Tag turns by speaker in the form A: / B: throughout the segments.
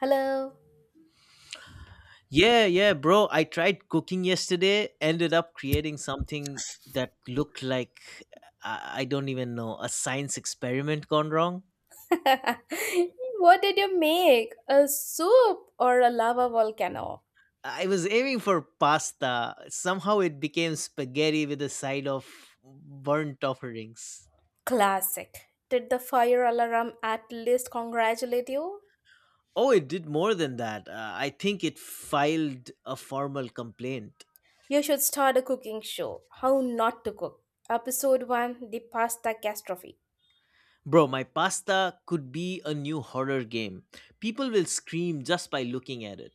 A: Hello.
B: Yeah, yeah, bro. I tried cooking yesterday, ended up creating something that looked like I don't even know, a science experiment gone wrong.
A: What did you make? A soup or a lava volcano?
B: I was aiming for pasta. Somehow it became spaghetti with a side of burnt offerings.
A: Classic. Did the fire alarm at least congratulate you?
B: Oh, it did more than that. I think it filed a formal complaint.
A: You should start a cooking show. How not to cook. Episode 1 The Pasta Catastrophe.
B: Bro, my pasta could be a new horror game. People will scream just by looking at it.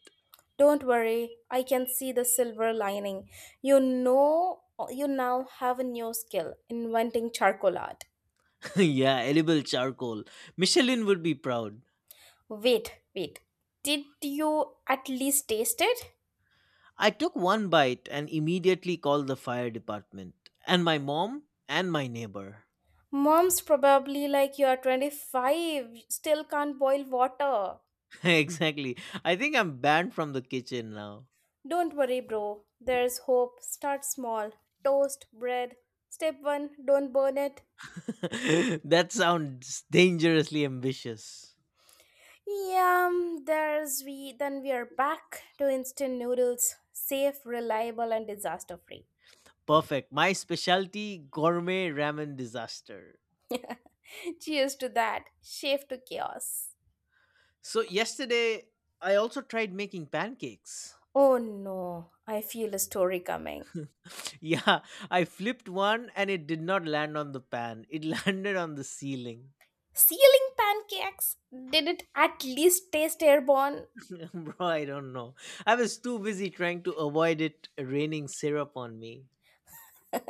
A: Don't worry, I can see the silver lining. You know, you now have a new skill inventing charcoal art.
B: yeah, edible charcoal. Michelin would be proud.
A: Wait, wait. Did you at least taste it?
B: I took one bite and immediately called the fire department, and my mom and my neighbor.
A: Mom's probably like, "You're 25, still can't boil water."
B: exactly. I think I'm banned from the kitchen now.
A: Don't worry, bro. There's hope. Start small. Toast, bread. Step one, don't burn it.
B: that sounds dangerously ambitious.
A: Yeah. there's we. Then we are back to instant noodles. Safe, reliable, and disaster free.
B: Perfect. My specialty gourmet ramen disaster.
A: Cheers to that. Shift to chaos.
B: So, yesterday, I also tried making pancakes.
A: Oh no, I feel a story coming.
B: Yeah, I flipped one and it did not land on the pan. It landed on the ceiling.
A: Ceiling pancakes! Did it at least taste airborne?
B: Bro, I don't know. I was too busy trying to avoid it raining syrup on me.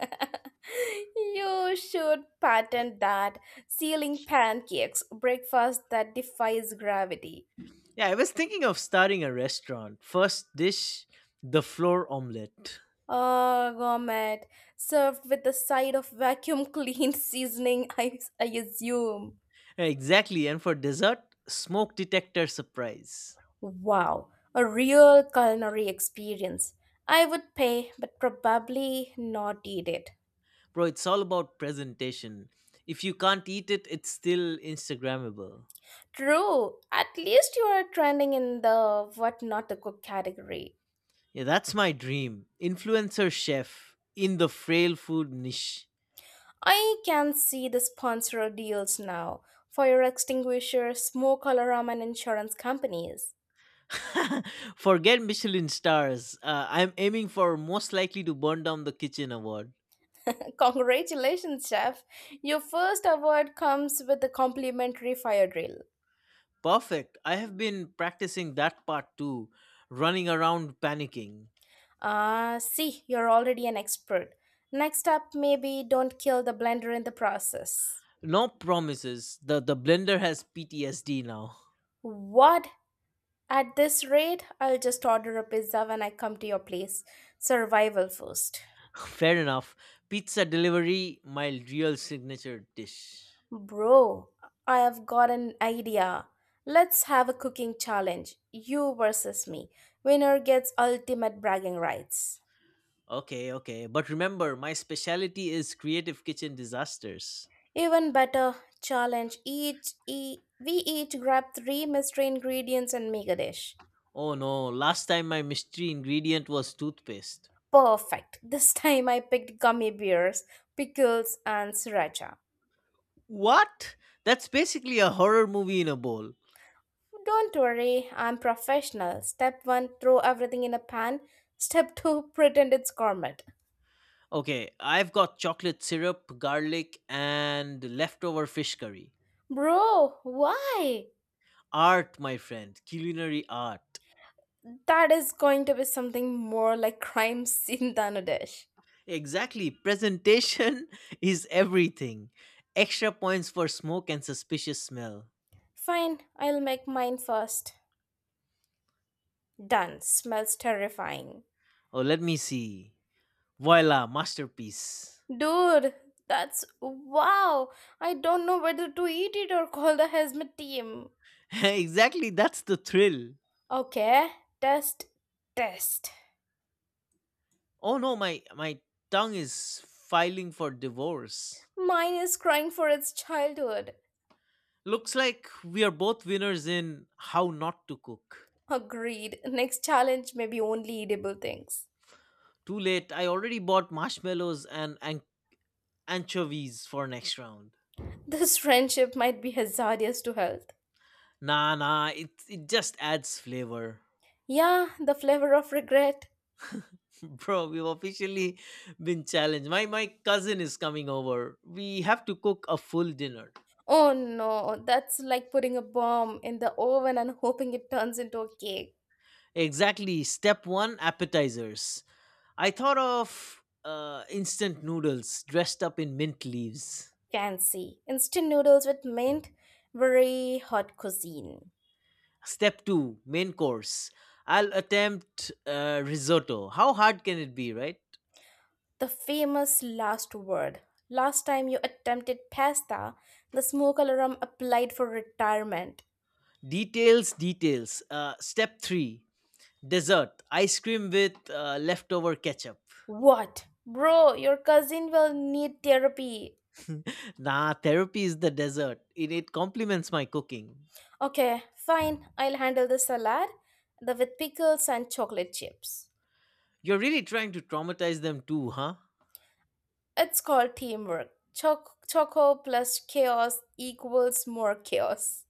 A: You should patent that ceiling pancakes breakfast that defies gravity.
B: Yeah, I was thinking of starting a restaurant. First dish, the floor omelette.
A: Oh, gourmet, served with a side of vacuum clean seasoning, I assume.
B: Exactly, and for dessert, smoke detector surprise.
A: Wow, a real culinary experience. I would pay, but probably not eat it.
B: Bro, it's all about presentation. If you can't eat it, it's still Instagrammable.
A: True, at least you are trending in the what not to cook category.
B: Yeah, that's my dream. Influencer chef in the frail food niche.
A: I can see the sponsor deals now. Fire extinguishers, smoke alarm, and insurance companies.
B: Forget Michelin stars. I'm aiming for most likely to burn down the kitchen award.
A: Congratulations, chef! Your first award comes with a complimentary fire drill.
B: Perfect. I have been practicing that part too, running around panicking.
A: Ah, see, you're already an expert. Next up, maybe don't kill the blender in the process.
B: No promises. The blender has PTSD now.
A: What? At this rate, I'll just order a pizza when I come to your place. Survival first.
B: Fair enough. Pizza delivery, my real signature dish.
A: Bro, I have got an idea. Let's have a cooking challenge. You versus me. Winner gets ultimate bragging rights.
B: Okay, okay. But remember, my specialty is creative kitchen disasters.
A: Even better, challenge we each grab three mystery ingredients and make a dish.
B: Oh no, last time my mystery ingredient was toothpaste.
A: Perfect. This time I picked gummy bears, pickles, and sriracha.
B: What? That's basically a horror movie in a bowl.
A: Don't worry, I'm professional. Step 1, throw everything in a pan. Step 2, pretend it's gourmet.
B: Okay, I've got chocolate syrup, garlic, and leftover fish curry.
A: Bro, why?
B: Art, my friend, culinary art.
A: That is going to be something more like crime scene than a dish.
B: Exactly, presentation is everything. Extra points for smoke and suspicious smell.
A: Fine, I'll make mine first. Done. Smells terrifying.
B: Oh, let me see. Voila, masterpiece.
A: Dude, that's wow. I don't know whether to eat it or call the hazmat team.
B: exactly, that's the thrill.
A: Okay, test, test.
B: Oh no, my tongue is filing for divorce.
A: Mine is crying for its childhood.
B: Looks like we are both winners in how not to cook.
A: Agreed. Next challenge may be only eatable things.
B: Too late. I already bought marshmallows and anchovies for next round.
A: This friendship might be hazardous to health.
B: Nah, nah. It just adds flavor,
A: Yeah, the flavor of regret.
B: bro. We've officially been challenged. My cousin is coming over. We have to cook a full dinner.
A: Oh no, that's like putting a bomb in the oven and hoping it turns into a cake.
B: Exactly. Step one: appetizers. I thought of instant noodles dressed up in mint leaves.
A: Fancy instant noodles with mint, very hot cuisine.
B: Step two, main course. I'll attempt risotto. How hard can it be, right?
A: The famous last word. Last time you attempted pasta, the smoke alarm applied for retirement.
B: Details, details. Step three, dessert. Ice cream with leftover ketchup.
A: What? Bro, your cousin will need therapy.
B: Nah, therapy is the dessert. It complements my cooking.
A: Okay, fine. I'll handle the salad, the with pickles and chocolate chips.
B: You're really trying to traumatize them too, huh?
A: It's called teamwork. Choco plus chaos equals more chaos.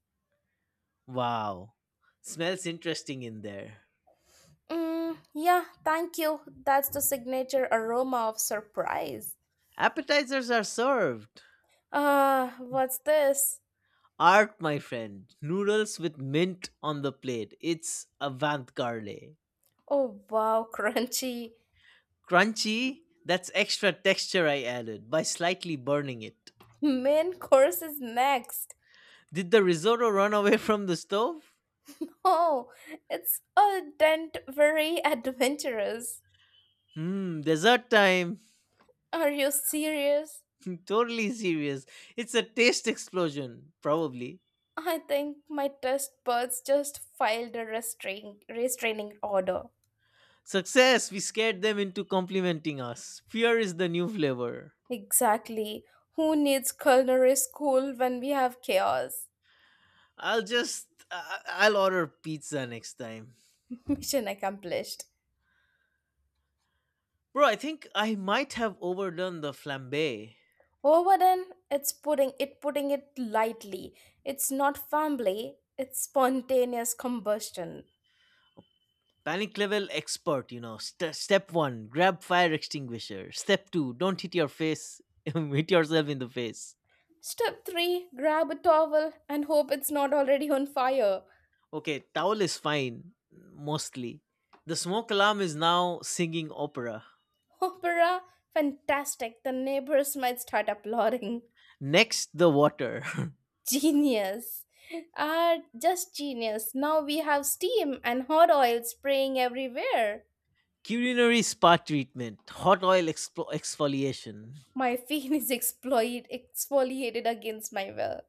B: Wow. Smells interesting in there.
A: Mm, yeah, thank you. That's the signature aroma of surprise.
B: Appetizers are served.
A: Ah, what's this?
B: Art, my friend. Noodles with mint on the plate. It's avant garde.
A: Oh, wow, crunchy.
B: Crunchy? That's extra texture I added by slightly burning it.
A: Main course is next.
B: Did the risotto run away from the stove?
A: Oh, it's a dent very adventurous.
B: Dessert time.
A: Are you serious?
B: totally serious. It's a taste explosion, probably.
A: I think my test buds just filed a restraining order.
B: Success! We scared them into complimenting us. Fear is the new flavor.
A: Exactly. Who needs culinary school when we have chaos?
B: I'll just. I'll order pizza next time.
A: Mission accomplished.
B: Bro, I think I might have overdone the flambe.
A: Overdone, it's putting it lightly. It's not family, it's spontaneous combustion.
B: Panic level expert, you know. Step one, grab fire extinguisher. Step two, don't hit your face, hit yourself in the face.
A: Step 3, grab a towel and hope it's not already on fire.
B: Okay, towel is fine, mostly. The smoke alarm is now singing opera.
A: Opera, fantastic. The neighbors might start applauding.
B: Next, the water.
A: Genius. Ah, just genius. Now we have steam and hot oil spraying everywhere.
B: Culinary spa treatment, hot oil exfoliation.
A: My fin is exploit, exfoliated against my will.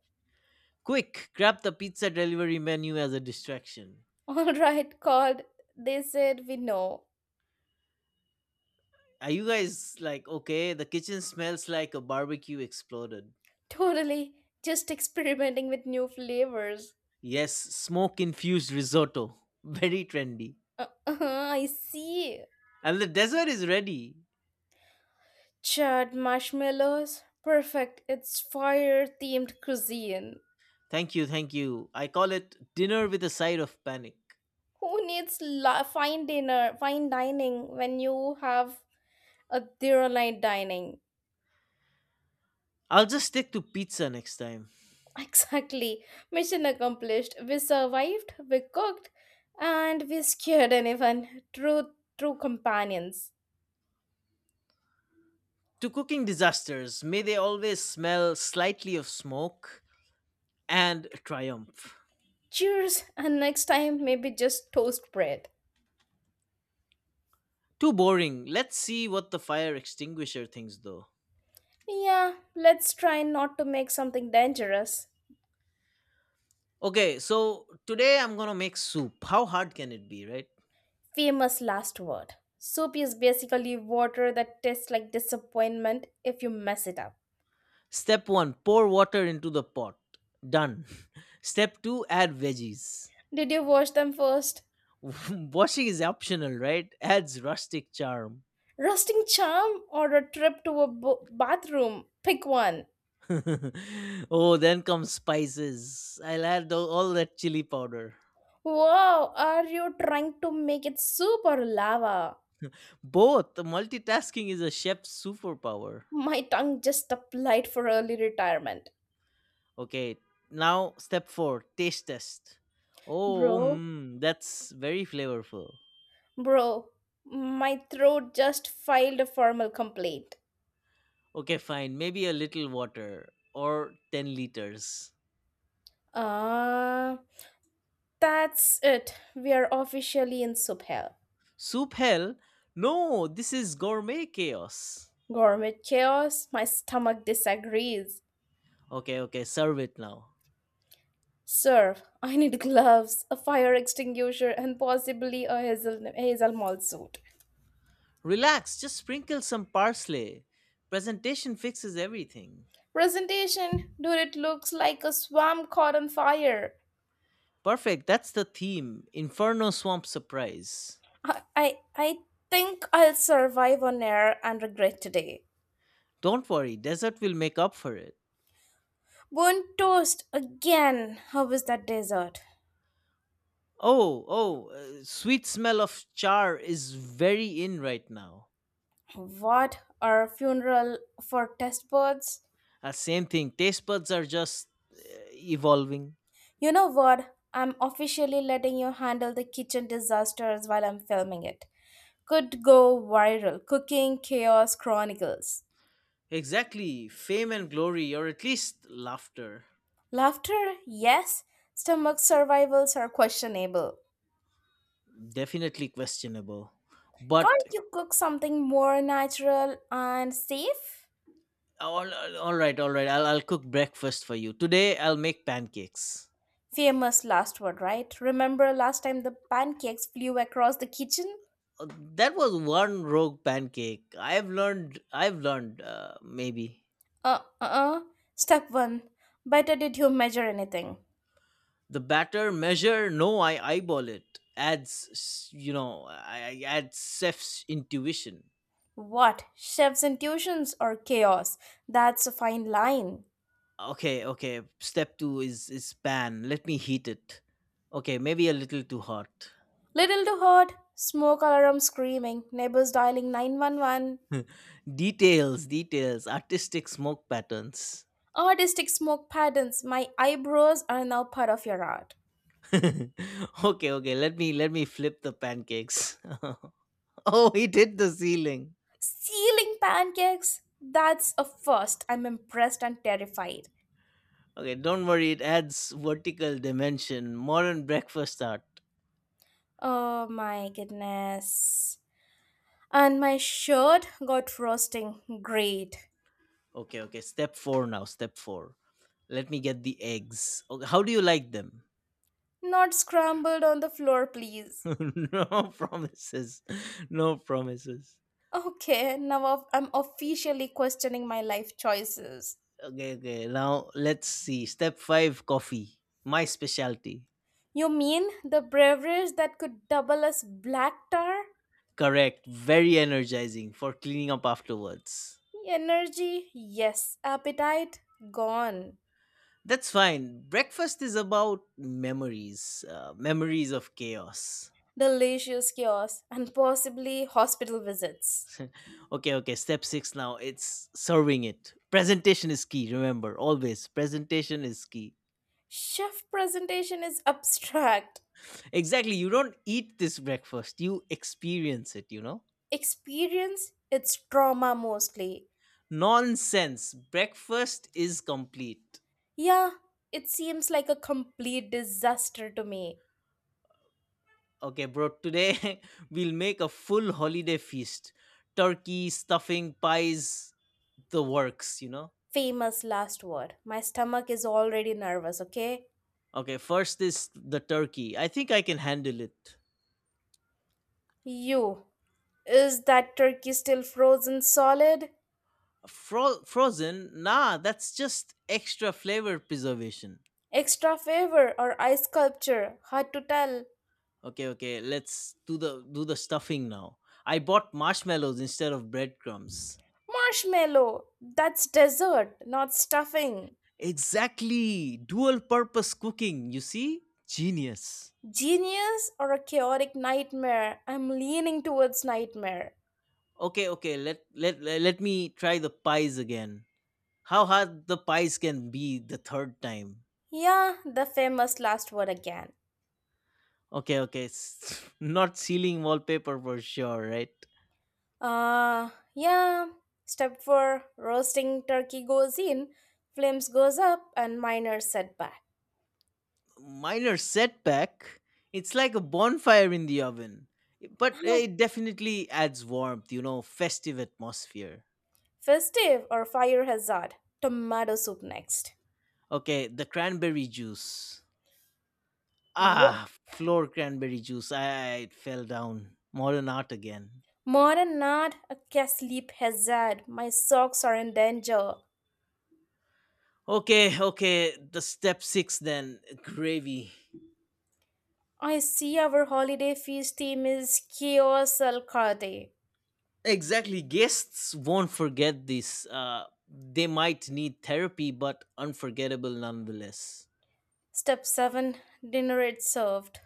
B: Quick, grab the pizza delivery menu as a distraction.
A: All right, God, they said we know.
B: Are you guys like, okay, the kitchen smells like a barbecue exploded?
A: Totally, just experimenting with new flavors.
B: Yes, smoke infused risotto. Very trendy.
A: I see.
B: And the dessert is ready.
A: Chad marshmallows. Perfect. It's fire themed cuisine.
B: Thank you, thank you. I call it dinner with a side of panic.
A: Who needs fine dinner, fine dining when you have a zero night dining?
B: I'll just stick to pizza next time.
A: Exactly. Mission accomplished. We survived, we cooked, and we scared anyone. True, true companions.
B: To cooking disasters, may they always smell slightly of smoke and triumph.
A: Cheers, and next time maybe just toast bread.
B: Too boring. Let's see what the fire extinguisher thinks though.
A: Yeah, let's try not to make something dangerous.
B: Okay, so today I'm gonna make soup. How hard can it be, right?
A: Famous last word. Soup is basically water that tastes like disappointment if you mess it up.
B: Step one, pour water into the pot. Done. Step two, add veggies.
A: Did you wash them first?
B: Washing is optional, right? Adds rustic charm.
A: Rusting charm or a trip to a bathroom? Pick one.
B: oh, then comes spices. I'll add all that chili powder.
A: Wow, are you trying to make it super lava?
B: Both multitasking is a chef's superpower.
A: My tongue just applied for early retirement.
B: Okay, now step four, taste test. Oh,
A: Bro,
B: mm, that's very flavorful.
A: bro, my throat just filed a formal complaint.
B: Okay, fine. Maybe a little water or 10 liters.
A: Ah, that's it. We are officially in soup hell.
B: Soup hell? No, this is gourmet chaos.
A: Gourmet chaos, my stomach disagrees.
B: Okay, okay, serve it now.
A: Sir, I need gloves, a fire extinguisher, and possibly a hazel malt suit.
B: Relax, just sprinkle some parsley. Presentation fixes everything.
A: Presentation, dude, it looks like a swamp caught on fire.
B: Perfect, that's the theme, Inferno Swamp Surprise.
A: I think I'll survive on air and regret today.
B: Don't worry, desert will make up for it.
A: Burnt toast again. How was that dessert?
B: Oh, oh, sweet smell of char is very in right now.
A: What? Our funeral for test birds?
B: Same thing, taste buds are just evolving.
A: You know what? I'm officially letting you handle the kitchen disasters while I'm filming it. Could go viral. Cooking Chaos Chronicles.
B: Exactly, fame and glory, or at least laughter.
A: Laughter? Yes. Stomach survivals are questionable.
B: Definitely questionable. But
A: Can't you cook something more natural and safe?
B: all right, all right. I'll cook breakfast for you. Today, I'll make pancakes.
A: Famous last word, right? Remember last time the pancakes flew across the kitchen?
B: Uh, That was one rogue pancake. I've learned, maybe.
A: Uh uh uh. Step 1. Better did you measure anything?
B: The batter measure, no, I eyeball it. I add chef's intuition.
A: What? Chef's intuitions or chaos? That's a fine line.
B: Okay, okay. Step two is pan. Let me heat it. Okay, maybe a little too hot.
A: Little to heard, smoke alarm screaming, neighbors dialing 911.
B: details, details, artistic smoke patterns.
A: Artistic smoke patterns, my eyebrows are now part of your art.
B: okay, okay. Let me flip the pancakes. oh, it hit the ceiling.
A: Stealing pancakes? That's a first. I'm impressed and terrified.
B: Okay, don't worry. It adds vertical dimension. Modern breakfast art.
A: Oh my goodness. And my shirt got frosting. Great.
B: Okay, okay. Step four now. Step four. Let me get the eggs. Okay, how do you like them?
A: Not scrambled on the floor, please.
B: no promises. No promises.
A: Okay, now I'm officially questioning my life choices.
B: Okay, okay. Now let's see. Step five. Coffee. My specialty.
A: You mean the beverage that could double as black tar?
B: Correct. Very energizing for cleaning up afterwards.
A: Energy? Yes. Appetite? Gone.
B: That's fine. Breakfast is about memories, memories of chaos.
A: Delicious chaos and possibly hospital visits.
B: okay, okay. Step six now. It's serving it. Presentation is key. Remember, always presentation is key.
A: Chef presentation is abstract.
B: Exactly. You don't eat this breakfast, you experience it, you know?
A: Experience, it's trauma mostly.
B: Nonsense. Breakfast is complete.
A: Yeah, it seems like a complete disaster to me.
B: Okay, bro. Today we'll make a full holiday feast: turkey, stuffing, pies, the works, you know?
A: Famous last word. My stomach is already nervous, okay?
B: Okay, first is the turkey. I think I can handle it.
A: You. Is that turkey still frozen solid?
B: Frozen? Nah, that's just extra flavor preservation.
A: Extra flavor or ice sculpture? Hard to tell.
B: Okay, okay, let's do the stuffing now. I bought marshmallows instead of breadcrumbs.
A: Marshmallow. That's dessert, not stuffing.
B: Exactly. Dual purpose cooking, you see? Genius.
A: Genius or a chaotic nightmare? I'm leaning towards nightmare.
B: Okay, okay, let me try the pies again. How hard the pies can be the third time.
A: Yeah, the famous last word again.
B: Okay, okay. Not ceiling wallpaper for sure, right?
A: Uh, yeah. Step 4 roasting turkey goes in, flames goes up, and minor setback.
B: Minor setback, it's like a bonfire in the oven. But
A: Huh,
B: it definitely adds warmth, you know, festive atmosphere.
A: festive or fire hazard. Tomato soup next.
B: Okay, the cranberry juice.
A: What?
B: Ah, floor cranberry juice. I, it fell down. Modern art again.
A: More than not, a cat sleep hazard. My socks are in danger.
B: Okay, okay, the step six then, gravy.
A: I see our holiday feast theme is chaos al Karde.
B: Exactly, guests won't forget this. They might need therapy, but unforgettable nonetheless.
A: Step 7 Dinner it's served.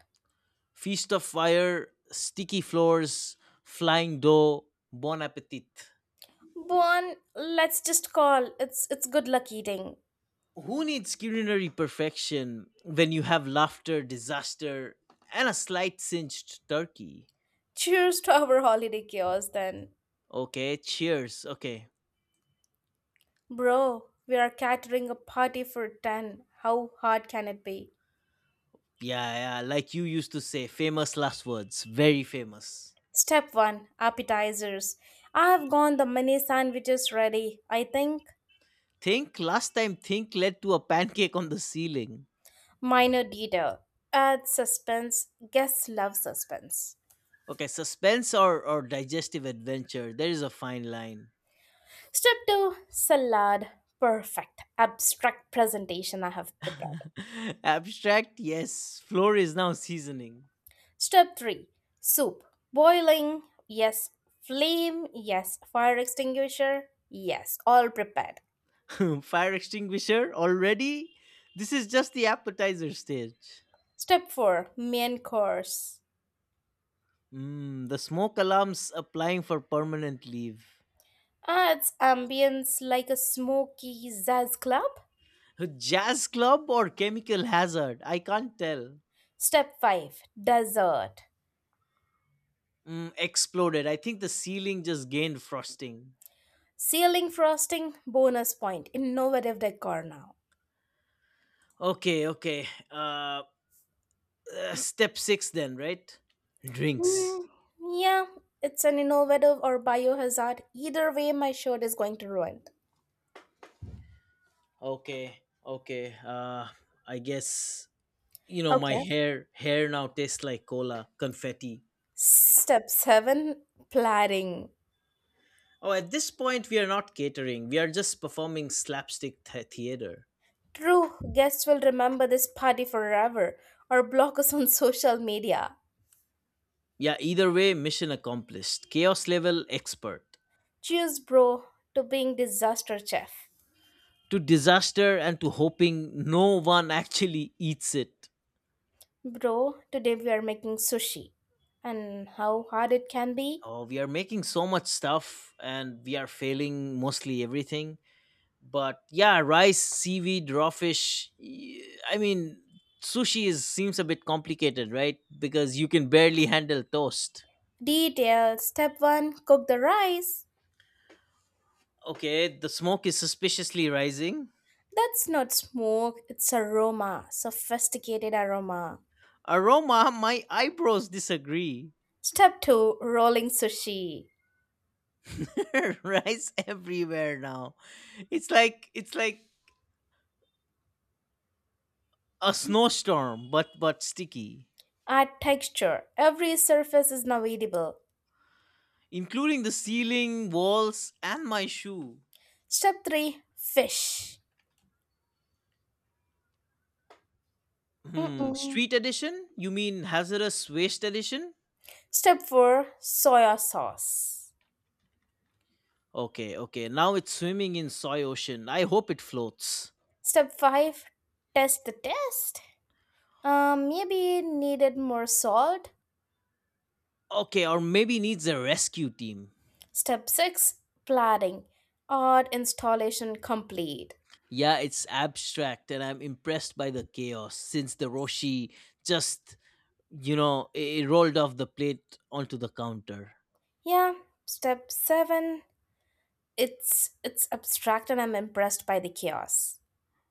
B: Feast of Fire, Sticky Floors, Flying Dough, Bon Appetit.
A: Bon, let's just call. It's good luck eating.
B: Who needs culinary perfection when you have laughter, disaster, and a slight singed turkey?
A: Cheers to our holiday chaos then.
B: Okay, cheers. Okay.
A: Bro, we are catering a party for 10. How hard can it be?
B: Yeah, yeah, like you used to say, famous last words, very famous.
A: Step 1 Appetizers. I have gone the mini sandwiches ready, I think.
B: Think, last time, think led to a pancake on the ceiling.
A: Minor detail. Add suspense. Guests love suspense.
B: Okay, suspense or digestive adventure, there is a fine line.
A: Step 2 Salad. Perfect. Abstract presentation I have prepared.
B: Abstract, yes. Floor is now seasoning.
A: Step 3 Soup. Boiling. Yes. Flame. Yes. Fire extinguisher. Yes. All prepared.
B: Fire extinguisher, already? This is just the appetizer stage.
A: Step 4 Main Course.
B: The smoke alarm's applying for permanent leave.
A: Adds ambience like a smoky jazz club.
B: Jazz club or chemical hazard? I can't tell.
A: Step 5 Dessert.
B: Exploded. I think the ceiling just gained frosting.
A: Ceiling frosting bonus point. Innovative decor now.
B: Okay, okay. Step six then, right? Drinks.
A: Hmm, yeah, it's an innovative or biohazard. Either way, my shirt is going to ruin.
B: Okay, okay. I guess you know my
A: Okay.
B: hair now tastes like cola confetti.
A: Step 7 Planning.
B: Oh, at this point we are not catering, we are just performing slapstick theater.
A: True, guests will remember this party forever or block us on social media.
B: Yeah, either way, mission accomplished, chaos level expert.
A: Cheers, bro, to being disaster chef.
B: To disaster, and to hoping no one actually eats it.
A: Bro, today we are making sushi. And how hard it can be?
B: Oh, we are making so much stuff and we are failing mostly everything, but yeah, rice, seaweed, raw fish, I mean, sushi is seems a bit complicated, right? Because you can barely handle toast.
A: Detail Step 1 Cook the rice.
B: Okay, the smoke is suspiciously rising.
A: That's not smoke, it's aroma, sophisticated aroma.
B: Aroma, my eyebrows disagree.
A: Step 2 Rolling sushi.
B: Rice everywhere now. It's like a snowstorm, but sticky,
A: Add texture, every surface is now edible.
B: including the ceiling, walls, and my shoe.
A: Step 3 Fish.
B: Hmm,
A: Mm-mm.
B: street edition? You mean hazardous waste edition?
A: Step 4 Soya sauce.
B: Okay, okay. Now it's swimming in soy ocean. I hope it floats.
A: Step 5 Test the test. Maybe it needed more salt.
B: Okay, or maybe needs a rescue team.
A: Step 6 Planning or installation complete.
B: Yeah, it's abstract, and I'm impressed by the chaos since the Roshi just, it rolled off the plate onto the counter.
A: Yeah, step 7 it's abstract and I'm impressed by the chaos.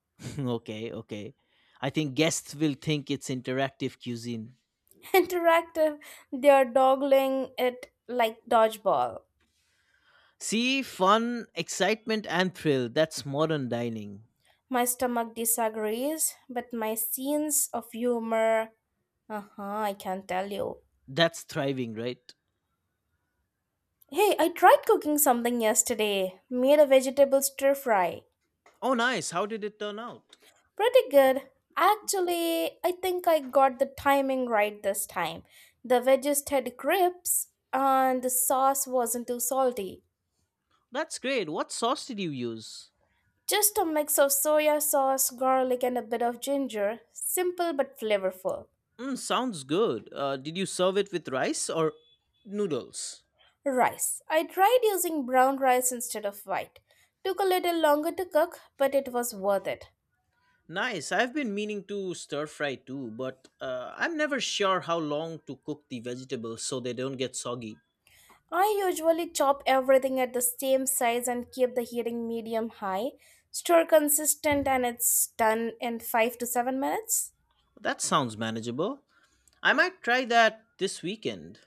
B: okay, okay. I think guests will think it's interactive cuisine.
A: Interactive, they are doggling it like dodgeball.
B: See, fun, excitement, and thrill. That's modern dining.
A: My stomach disagrees, but my scenes of humor, uh-huh, I can not tell you.
B: That's thriving, right?
A: Hey, I tried cooking something yesterday. Made a vegetable stir fry.
B: Oh, nice. How did it turn out?
A: Pretty good. Actually, I think I got the timing right this time. The veggies had grips and the sauce wasn't too salty.
B: That's great. What sauce did you use?
A: Just a mix of soya sauce, garlic, and a bit of ginger. Simple but flavorful.
B: Mm, sounds good. Did you serve it with rice or noodles?
A: Rice. I tried using brown rice instead of white. Took a little longer to cook, but it was worth it.
B: Nice. I've been meaning to stir fry too, but I'm never sure how long to cook the vegetables so they don't get soggy.
A: I usually chop everything at the same size and keep the heating medium high. Stir consistent and it's done in 5 to 7 minutes.
B: That sounds manageable. I might try that this weekend.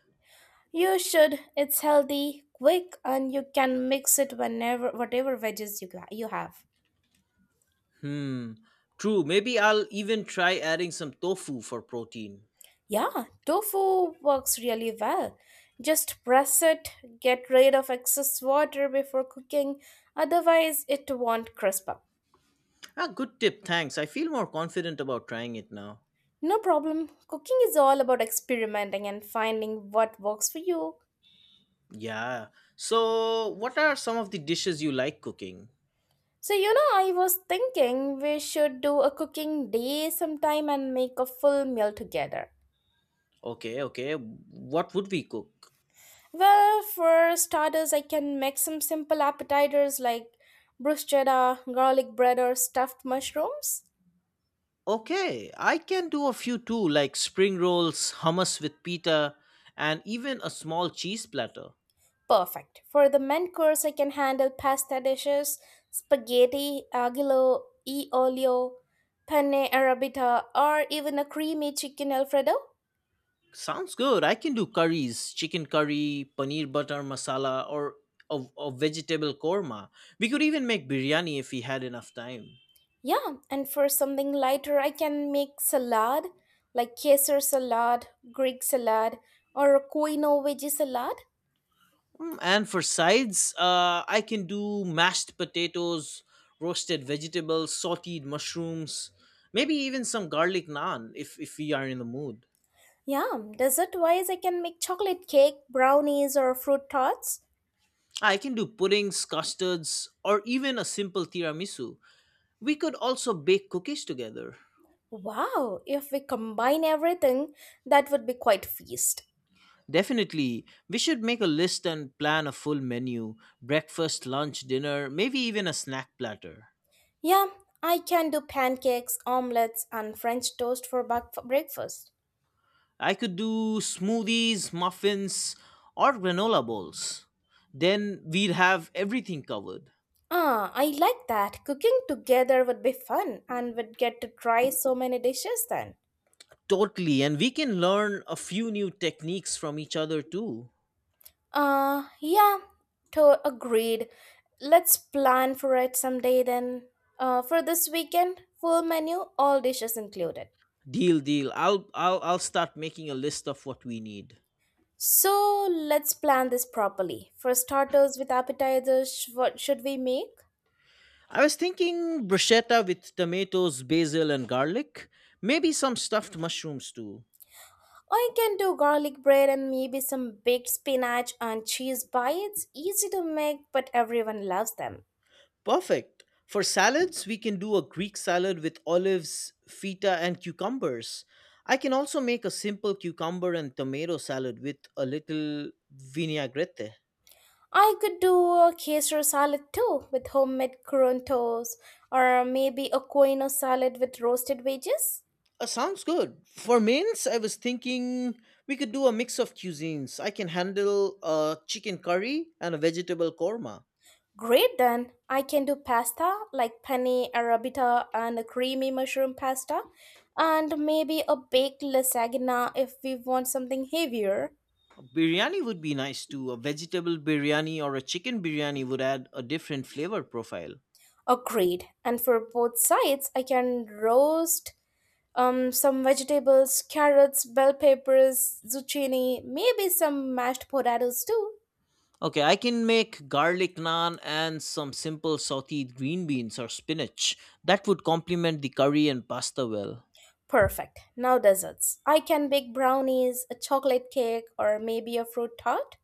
A: You should. It's healthy, quick, and you can mix it whenever whatever veggies you got, you have.
B: Hmm. True. Maybe I'll even try adding some tofu for protein.
A: Yeah, tofu works really well. Just press it, get rid of excess water before cooking, otherwise it won't crisp up.
B: Ah, good tip. Thanks. I feel more confident about trying it now.
A: No problem. Cooking is all about experimenting and finding what works for you.
B: Yeah. So, what are some of the dishes you like cooking?
A: So, you know, I was thinking we should do a cooking day sometime and make a full meal together.
B: Okay, okay. What would we cook?
A: Well, for starters, I can make some simple appetizers like bruschetta, garlic bread, or stuffed mushrooms.
B: Okay, I can do a few too, like spring rolls, hummus with pita, and even a small cheese platter.
A: Perfect. For the main course, I can handle pasta dishes, spaghetti, aglio, e olio, penne arrabbiata, or even a creamy chicken alfredo.
B: Sounds good. I can do curries, chicken curry, paneer butter masala, or a vegetable korma. We could even make biryani if we had enough time.
A: Yeah, and for something lighter, I can make salad like Caesar salad, Greek salad, or a quinoa veggie salad.
B: And for sides, I can do mashed potatoes, roasted vegetables, sauteed mushrooms, maybe even some garlic naan if we are in the mood.
A: Yeah, dessert wise, I can make chocolate cake, brownies, or fruit tarts.
B: I can do puddings, custards, or even a simple tiramisu. We could also bake cookies together.
A: Wow, if we combine everything, that would be quite feast.
B: Definitely, we should make a list and plan a full menu: breakfast, lunch, dinner, maybe even a snack platter.
A: Yeah, I can do pancakes, omelets, and French toast for breakfast.
B: I could do smoothies, muffins, or granola bowls. Then we'd have everything covered.
A: Ah, I like that. Cooking together would be fun and would get to try so many dishes then.
B: Totally, and we can learn a few new techniques from each other too.
A: Yeah, to agreed. Let's plan for it someday then. For this weekend, full menu, all dishes included.
B: Deal, deal. I'll start making a list of what we need.
A: So let's plan this properly. For starters, with appetizers, what should we make?
B: I was thinking bruschetta with tomatoes, basil, and garlic. Maybe some stuffed mushrooms too.
A: I can do garlic bread and maybe some baked spinach and cheese bites. Easy to make, but everyone loves them.
B: Perfect. For salads, we can do a Greek salad with olives, feta, and cucumbers. I can also make a simple cucumber and tomato salad with a little vinaigrette.
A: I could do a Caesar salad too with homemade crontos or maybe a quinoa salad with roasted veggies.
B: Sounds good. For mains, I was thinking we could do a mix of cuisines. I can handle a chicken curry and a vegetable korma.
A: Great then. I can do pasta like penne arabita and a creamy mushroom pasta and maybe a baked lasagna if we want something heavier.
B: Biryani would be nice too. A vegetable biryani or a chicken biryani would add a different flavor profile.
A: Agreed. And for both sides, I can roast some vegetables, carrots, bell peppers, zucchini, maybe some mashed potatoes too.
B: Okay, I can make garlic naan and some simple sauteed green beans or spinach. That would complement the curry and pasta well.
A: Perfect. Now desserts. I can bake brownies, a chocolate cake, or maybe a fruit tart.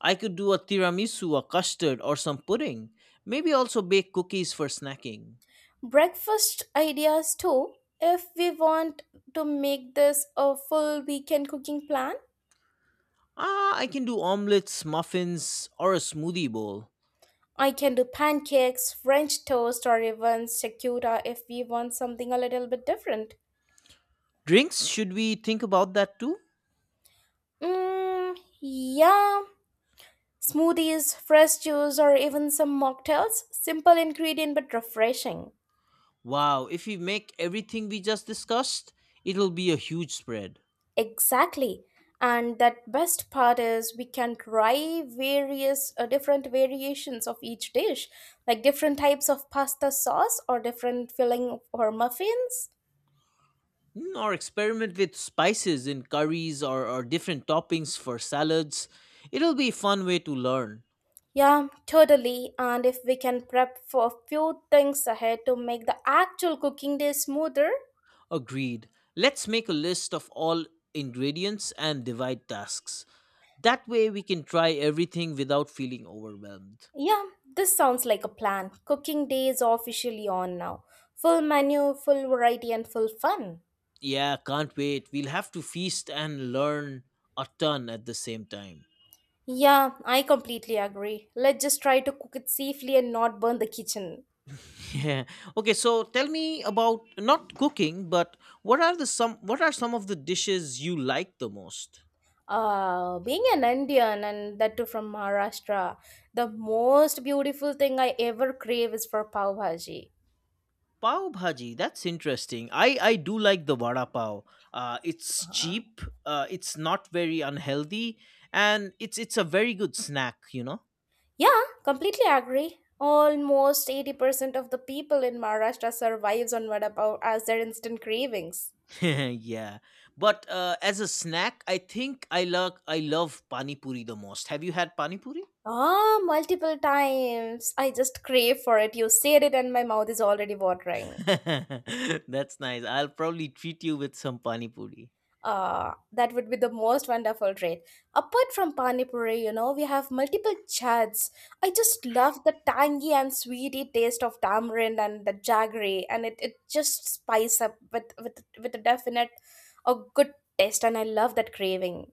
B: I could do a tiramisu, a custard, or some pudding. Maybe also bake cookies for snacking.
A: Breakfast ideas too, if we want to make this a full weekend cooking plan.
B: Ah, I can do omelets, muffins, or a smoothie bowl.
A: I can do pancakes, French toast, or even secuta if we want something a little bit different.
B: Drinks, should we think about that too?
A: Mm, yeah, smoothies, fresh juice, or even some mocktails, simple ingredient but refreshing.
B: Wow, if we make everything we just discussed, it'll be a huge spread.
A: Exactly. And that best part is we can try various different variations of each dish, like different types of pasta sauce or different filling for muffins.
B: Or experiment with spices in curries or different toppings for salads. It'll be a fun way to learn.
A: Yeah, totally. And if we can prep for a few things ahead to make the actual cooking day smoother,
B: Agreed. Let's make a list of all ingredients and divide tasks. That way we can try everything without feeling overwhelmed.
A: yeah, this sounds like a plan. Cooking day is officially on now. Full menu, full variety, and full fun.
B: Yeah, can't wait. We'll have to feast and learn a ton at the same time.
A: Yeah, I completely agree. Let's just try to cook it safely and not burn the kitchen.
B: Yeah. Okay, so tell me about not cooking, but what are the some, what are some of the dishes you like the most?
A: Being an Indian and that too from Maharashtra, the most beautiful thing I ever crave is for pav bhaji.
B: Pav bhaji, that's interesting. I do like the vada pav. It's cheap. It's not very unhealthy, and it's a very good snack. You know.
A: Yeah, completely agree. Almost 80% of the people in Maharashtra survives on vada pav as their instant cravings.
B: yeah. But as a snack, I think I love pani puri the most. Have you had pani puri?
A: Ah, multiple times. I just crave for it. You said it and my mouth is already watering.
B: that's nice. I'll probably treat you with some pani puri.
A: That would be the most wonderful treat. Apart from pani puri, you know, we have multiple chats. I just love the tangy and sweety taste of tamarind and the jaggery, and it just spice up with a good taste, and I love that craving.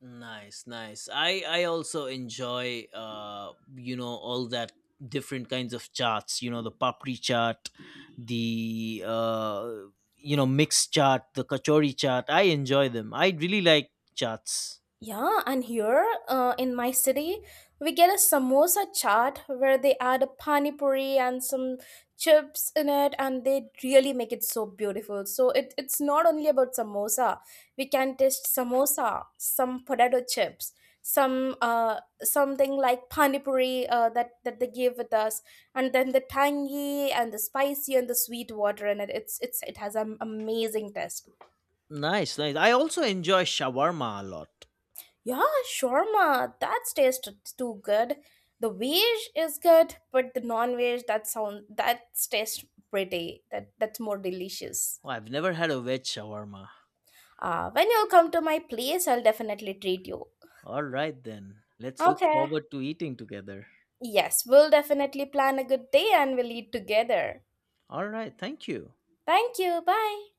B: Nice, nice. I also enjoy you know all that different kinds of charts, you know, the papri chart, the you know, mixed chart, the kachori chart. I enjoy them. I really like charts.
A: Yeah, and here in my city, we get a samosa chaat where they add a pani puri and some chips in it, and they really make it so beautiful. So it's not only about samosa. We can taste samosa, some potato chips, something like pani puri that they give with us, and then the tangy and the spicy and the sweet water in it. It has an amazing taste.
B: Nice, nice. I also enjoy shawarma a lot.
A: Yeah, shawarma. That tastes too good. The veg is good, but the non-veg that sound that tastes pretty. That's more delicious.
B: Oh, I've never had a veg shawarma.
A: When you come to my place, I'll definitely treat you.
B: All right then. Let's look
A: Okay.
B: forward to eating together.
A: Yes, we'll definitely plan a good day and we'll eat together.
B: All right, thank you.
A: Thank you. Bye.